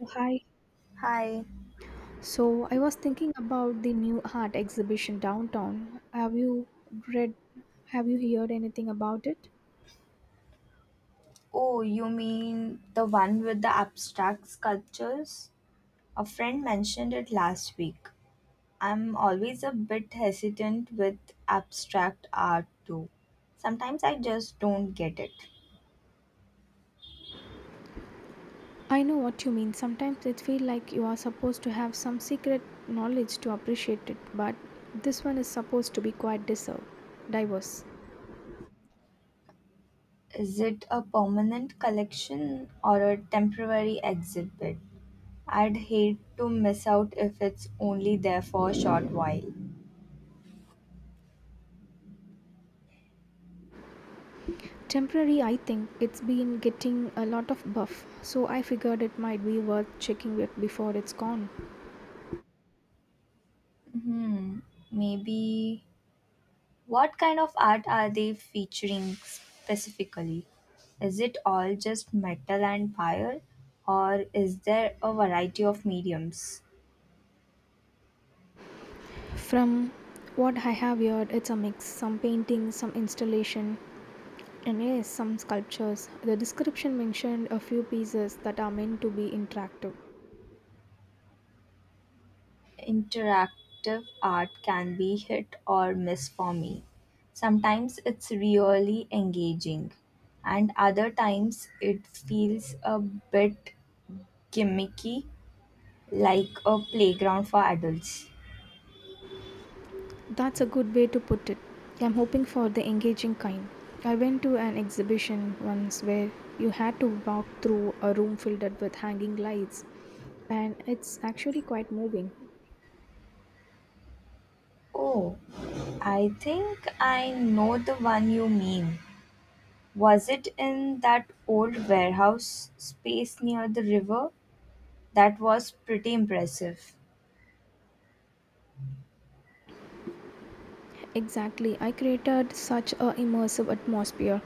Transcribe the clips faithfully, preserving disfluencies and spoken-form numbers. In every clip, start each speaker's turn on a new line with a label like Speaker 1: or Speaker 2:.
Speaker 1: Oh, hi.
Speaker 2: Hi.
Speaker 1: So I was thinking about the new art exhibition downtown. Have you read have you heard anything about it?
Speaker 2: Oh, you mean the one with the abstract sculptures? A friend mentioned it last week. I'm always a bit hesitant with abstract art too. Sometimes I just don't get it.
Speaker 1: I know what you mean. Sometimes it feels like you are supposed to have some secret knowledge to appreciate it, but this one is supposed to be quite deserved, diverse.
Speaker 2: Is it a permanent collection or a temporary exhibit? I'd hate to miss out if it's only there for a short while.
Speaker 1: Temporary, I think it's been getting a lot of buff, so I figured it might be worth checking it before it's gone.
Speaker 2: Hmm, maybe. What kind of art are they featuring specifically? Is it all just metal and fire, or is there a variety of mediums?
Speaker 1: From what I have heard, it's a mix some painting, some installation, and yes, some sculptures. The description mentioned a few pieces that are meant to be interactive.
Speaker 2: Interactive art can be hit or miss for me. Sometimes it's really engaging, and other times it feels a bit gimmicky, like a playground for adults.
Speaker 1: That's a good way to put it. I'm hoping for the engaging kind. I went to an exhibition once where you had to walk through a room filled with hanging lights and it's actually quite moving.
Speaker 2: Oh, I think I know the one you mean. Was it in that old warehouse space near the river? That was pretty impressive.
Speaker 1: Exactly, I created such a immersive atmosphere.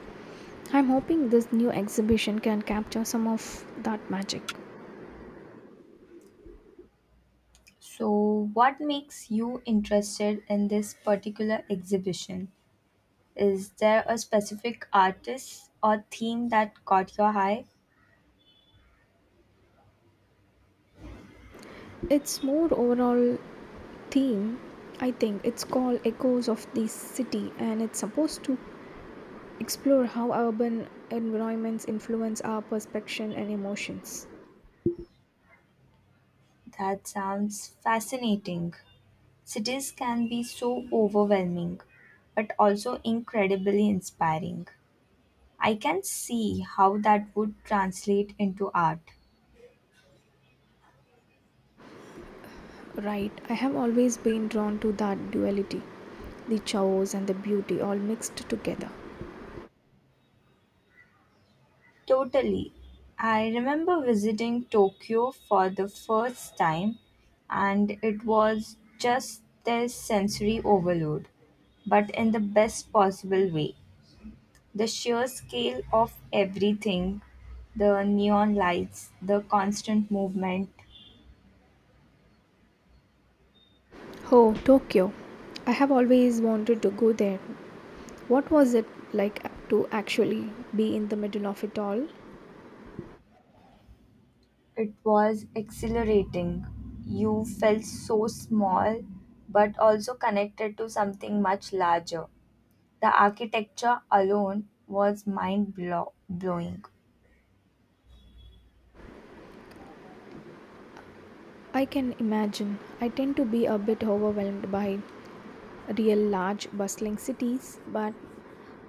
Speaker 1: I'm hoping this new exhibition can capture some of that magic.
Speaker 2: So, what makes you interested in this particular exhibition? Is there a specific artist or theme that caught your eye?
Speaker 1: It's more overall theme. I think it's called Echoes of the City and it's supposed to explore how urban environments influence our perception and emotions.
Speaker 2: That sounds fascinating. Cities can be so overwhelming, but also incredibly inspiring. I can see how that would translate into art.
Speaker 1: Right, I have always been drawn to that duality, the chaos and the beauty all mixed together.
Speaker 2: Totally. I remember visiting Tokyo for the first time, and it was just this sensory overload, but in the best possible way. The sheer scale of everything, the neon lights, the constant movement,
Speaker 1: Oh, Tokyo, I have always wanted to go there. What was it like to actually be in the middle of it all?
Speaker 2: it was exhilarating. You felt so small, but also connected to something much larger. The architecture alone was mind blow- blowing.
Speaker 1: I can imagine. I tend to be a bit overwhelmed by real large bustling cities, but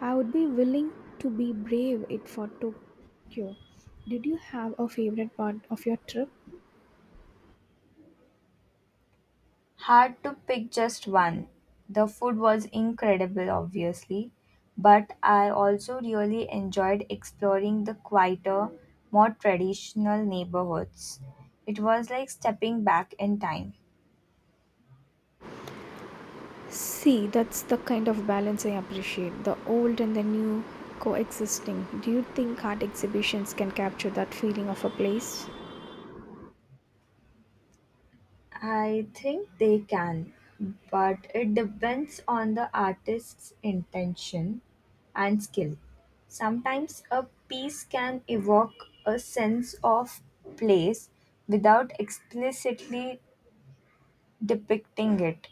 Speaker 1: I would be willing to be brave it for Tokyo. Did you have a favorite part of your trip?
Speaker 2: Hard to pick just one. The food was incredible, obviously, but I also really enjoyed exploring the quieter, more traditional neighborhoods. It was like stepping back in time.
Speaker 1: See, that's the kind of balance I appreciate, the old and the new coexisting. Do you think art exhibitions can capture that feeling of a place?
Speaker 2: I think they can, but it depends on the artist's intention and skill. Sometimes a piece can evoke a sense of place without explicitly depicting it.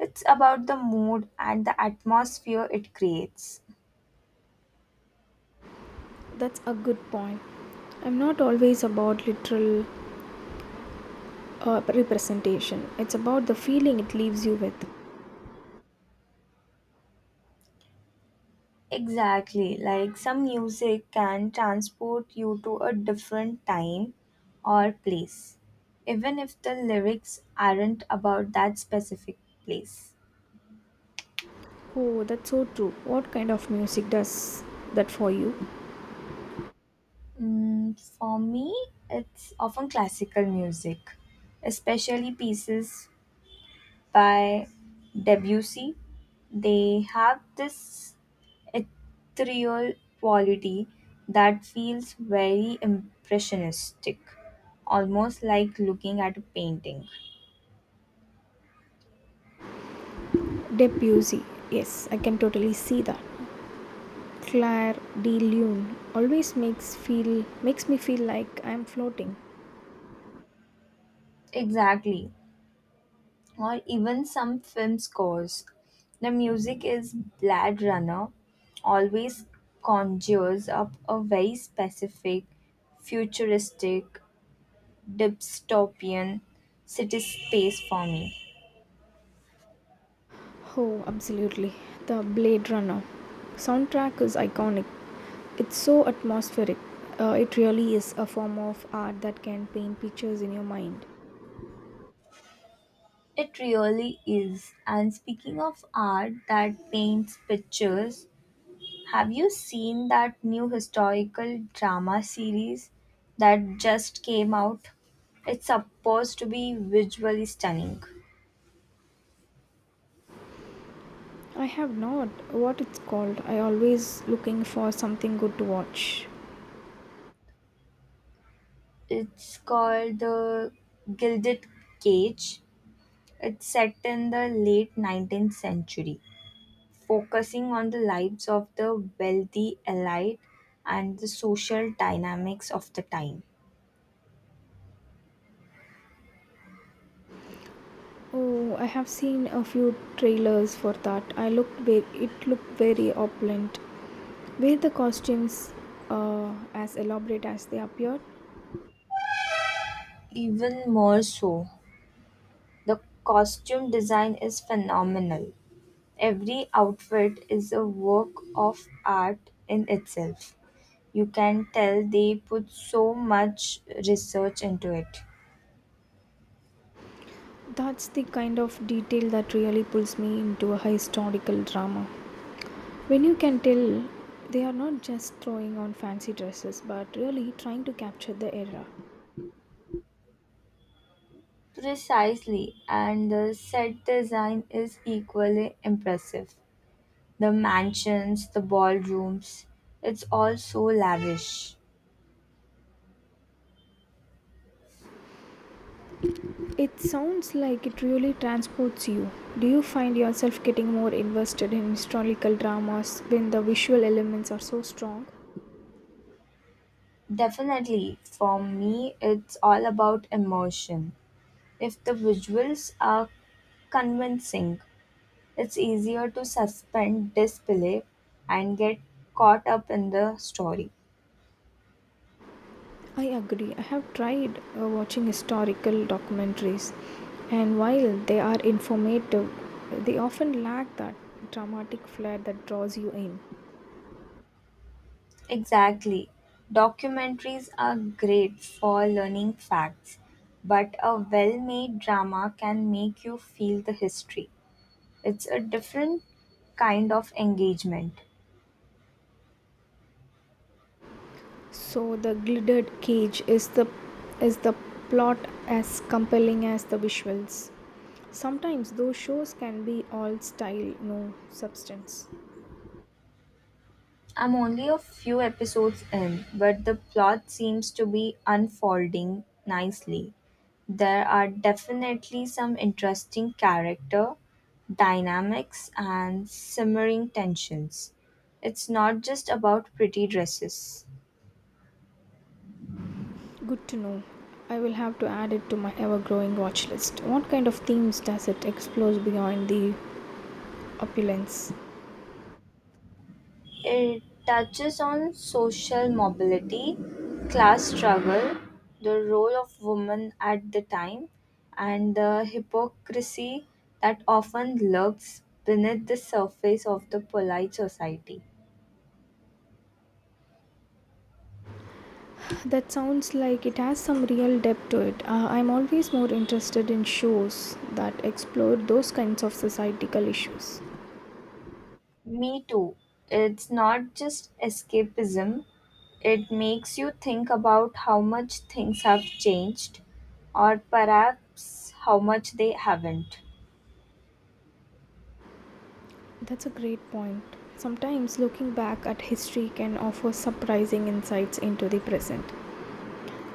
Speaker 2: It's about the mood and the atmosphere it creates.
Speaker 1: That's a good point. I'm not always about literal uh, representation, it's about the feeling it leaves you with.
Speaker 2: Exactly, like some music can transport you to a different time or place, even if the lyrics aren't about that specific place.
Speaker 1: Oh, that's so true. What kind of music does that for you?
Speaker 2: Mm, for me, it's often classical music, especially pieces by Debussy. They have this ethereal quality that feels very impressionistic, almost like looking at a painting.
Speaker 1: Debussy. Yes, I can totally see that. Claire de Lune always makes feel makes me feel like I'm floating.
Speaker 2: Exactly. Or even some film scores. The music is Blade Runner, always conjures up a very specific, futuristic, dystopian city space for me.
Speaker 1: Oh, absolutely. The Blade Runner soundtrack is iconic. It's so atmospheric. Uh, it really is a form of art that can paint pictures in your mind.
Speaker 2: It really is. And speaking of art that paints pictures, have you seen that new historical drama series that just came out? It's supposed to be visually stunning.
Speaker 1: I have not, what it's called. I always looking for something good to watch.
Speaker 2: It's called The Gilded Cage. It's set in the late nineteenth century, focusing on the lives of the wealthy elite and the social dynamics of the time.
Speaker 1: Oh, I have seen a few trailers for that. I looked ve- it looked very opulent. Were the costumes uh, as elaborate as they appeared?
Speaker 2: Even more so, the costume design is phenomenal. Every outfit is a work of art in itself. You can tell they put so much research into it.
Speaker 1: That's the kind of detail that really pulls me into a historical drama. When you can tell they are not just throwing on fancy dresses but really trying to capture the era.
Speaker 2: Precisely, and the set design is equally impressive. The mansions, the ballrooms, it's all so lavish.
Speaker 1: It sounds like it really transports you. Do you find yourself getting more invested in historical dramas when the visual elements are so strong?
Speaker 2: Definitely, for me, it's all about emotion. If the visuals are convincing, it's easier to suspend disbelief and get caught up in the story.
Speaker 1: I agree. I have tried uh, watching historical documentaries, and while they are informative, they often lack that dramatic flair that draws you in.
Speaker 2: Exactly. Documentaries are great for learning facts, but a well made drama can make you feel the history. It's a different kind of engagement.
Speaker 1: So the glittered cage is the is the plot as compelling as the visuals. Sometimes those shows can be all style, no substance.
Speaker 2: I'm only a few episodes in, but the plot seems to be unfolding nicely. There are definitely some interesting character dynamics and simmering tensions. It's not just about pretty dresses.
Speaker 1: Good to know. I will have to add it to my ever growing watch list. What kind of themes does it explore beyond the opulence?
Speaker 2: It touches on social mobility, class struggle, the role of women at the time, and the hypocrisy that often lurks beneath the surface of the polite society.
Speaker 1: That sounds like it has some real depth to it. Uh, I'm always more interested in shows that explore those kinds of societal issues.
Speaker 2: Me too. It's not just escapism, it makes you think about how much things have changed, or perhaps how much they haven't.
Speaker 1: That's a great point. Sometimes looking back at history can offer surprising insights into the present.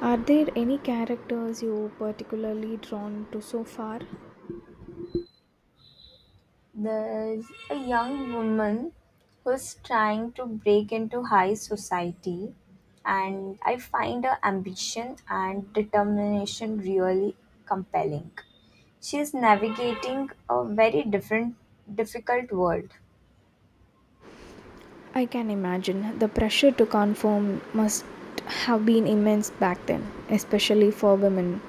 Speaker 1: Are there any characters you particularly drawn to so far?
Speaker 2: There's a young woman who's trying to break into high society, and I find her ambition and determination really compelling. She's navigating a very different, difficult world.
Speaker 1: I can imagine the pressure to conform must have been immense back then, especially for women.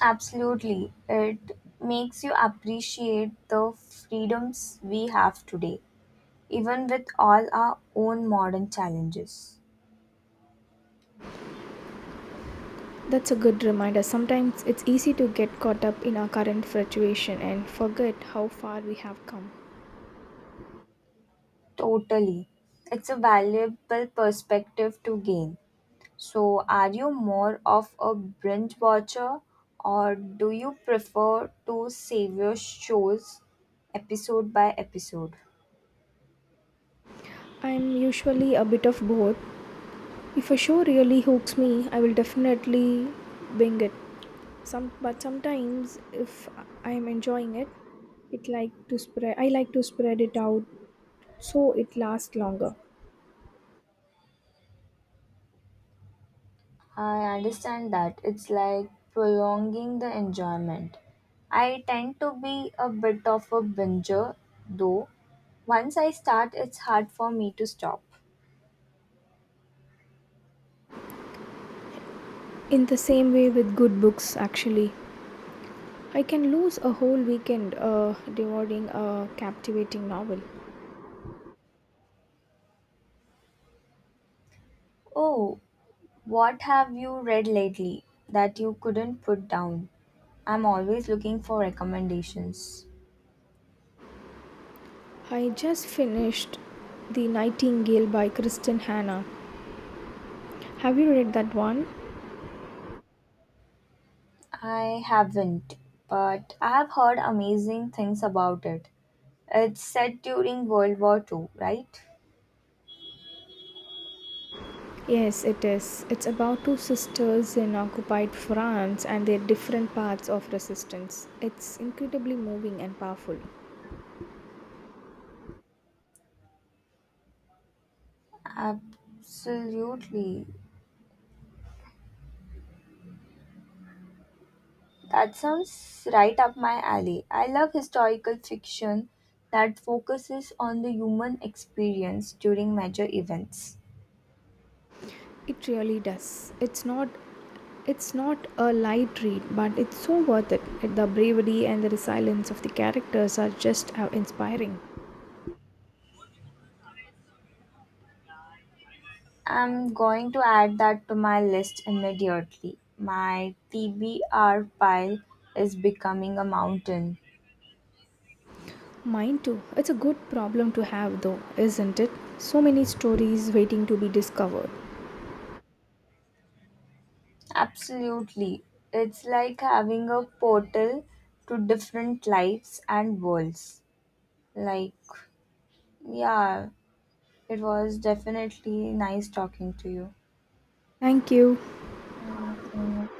Speaker 2: Absolutely, it makes you appreciate the freedoms we have today, even with all our own modern challenges.
Speaker 1: That's a good reminder. Sometimes it's easy to get caught up in our current fluctuation and forget how far we have come.
Speaker 2: Totally. It's a valuable perspective to gain. So, are you more of a binge watcher or do you prefer to savor shows episode by episode?
Speaker 1: I'm usually a bit of both. If a show really hooks me, I will definitely bing it. Some, but sometimes if I'm enjoying it, it like to spread. I like to spread it out so it lasts longer.
Speaker 2: I understand that, it's like prolonging the enjoyment. I tend to be a bit of a binger though. Once I start, it's hard for me to stop.
Speaker 1: In the same way with good books, actually, I can lose a whole weekend uh, devouring a captivating novel.
Speaker 2: Oh, what have you read lately that you couldn't put down? I'm always looking for recommendations.
Speaker 1: I just finished The Nightingale by Kristen Hannah. Have you read that one?
Speaker 2: I haven't, but I have heard amazing things about it. It's set during World War Two, right?
Speaker 1: Yes, it is. It's about two sisters in occupied France and their different paths of resistance. It's incredibly moving and powerful.
Speaker 2: Absolutely. That sounds right up my alley. I love historical fiction that focuses on the human experience during major events.
Speaker 1: It really does. It's not it's not a light read, but it's so worth it. The bravery and the resilience of the characters are just uh, inspiring.
Speaker 2: I'm going to add that to my list immediately. My T B R pile is becoming a mountain.
Speaker 1: Mine too. It's a good problem to have, though, isn't it? So many stories waiting to be discovered.
Speaker 2: Absolutely. It's like having a portal to different lives and worlds. Like, yeah, it was definitely nice talking to you.
Speaker 1: Thank you.
Speaker 2: Yeah, so-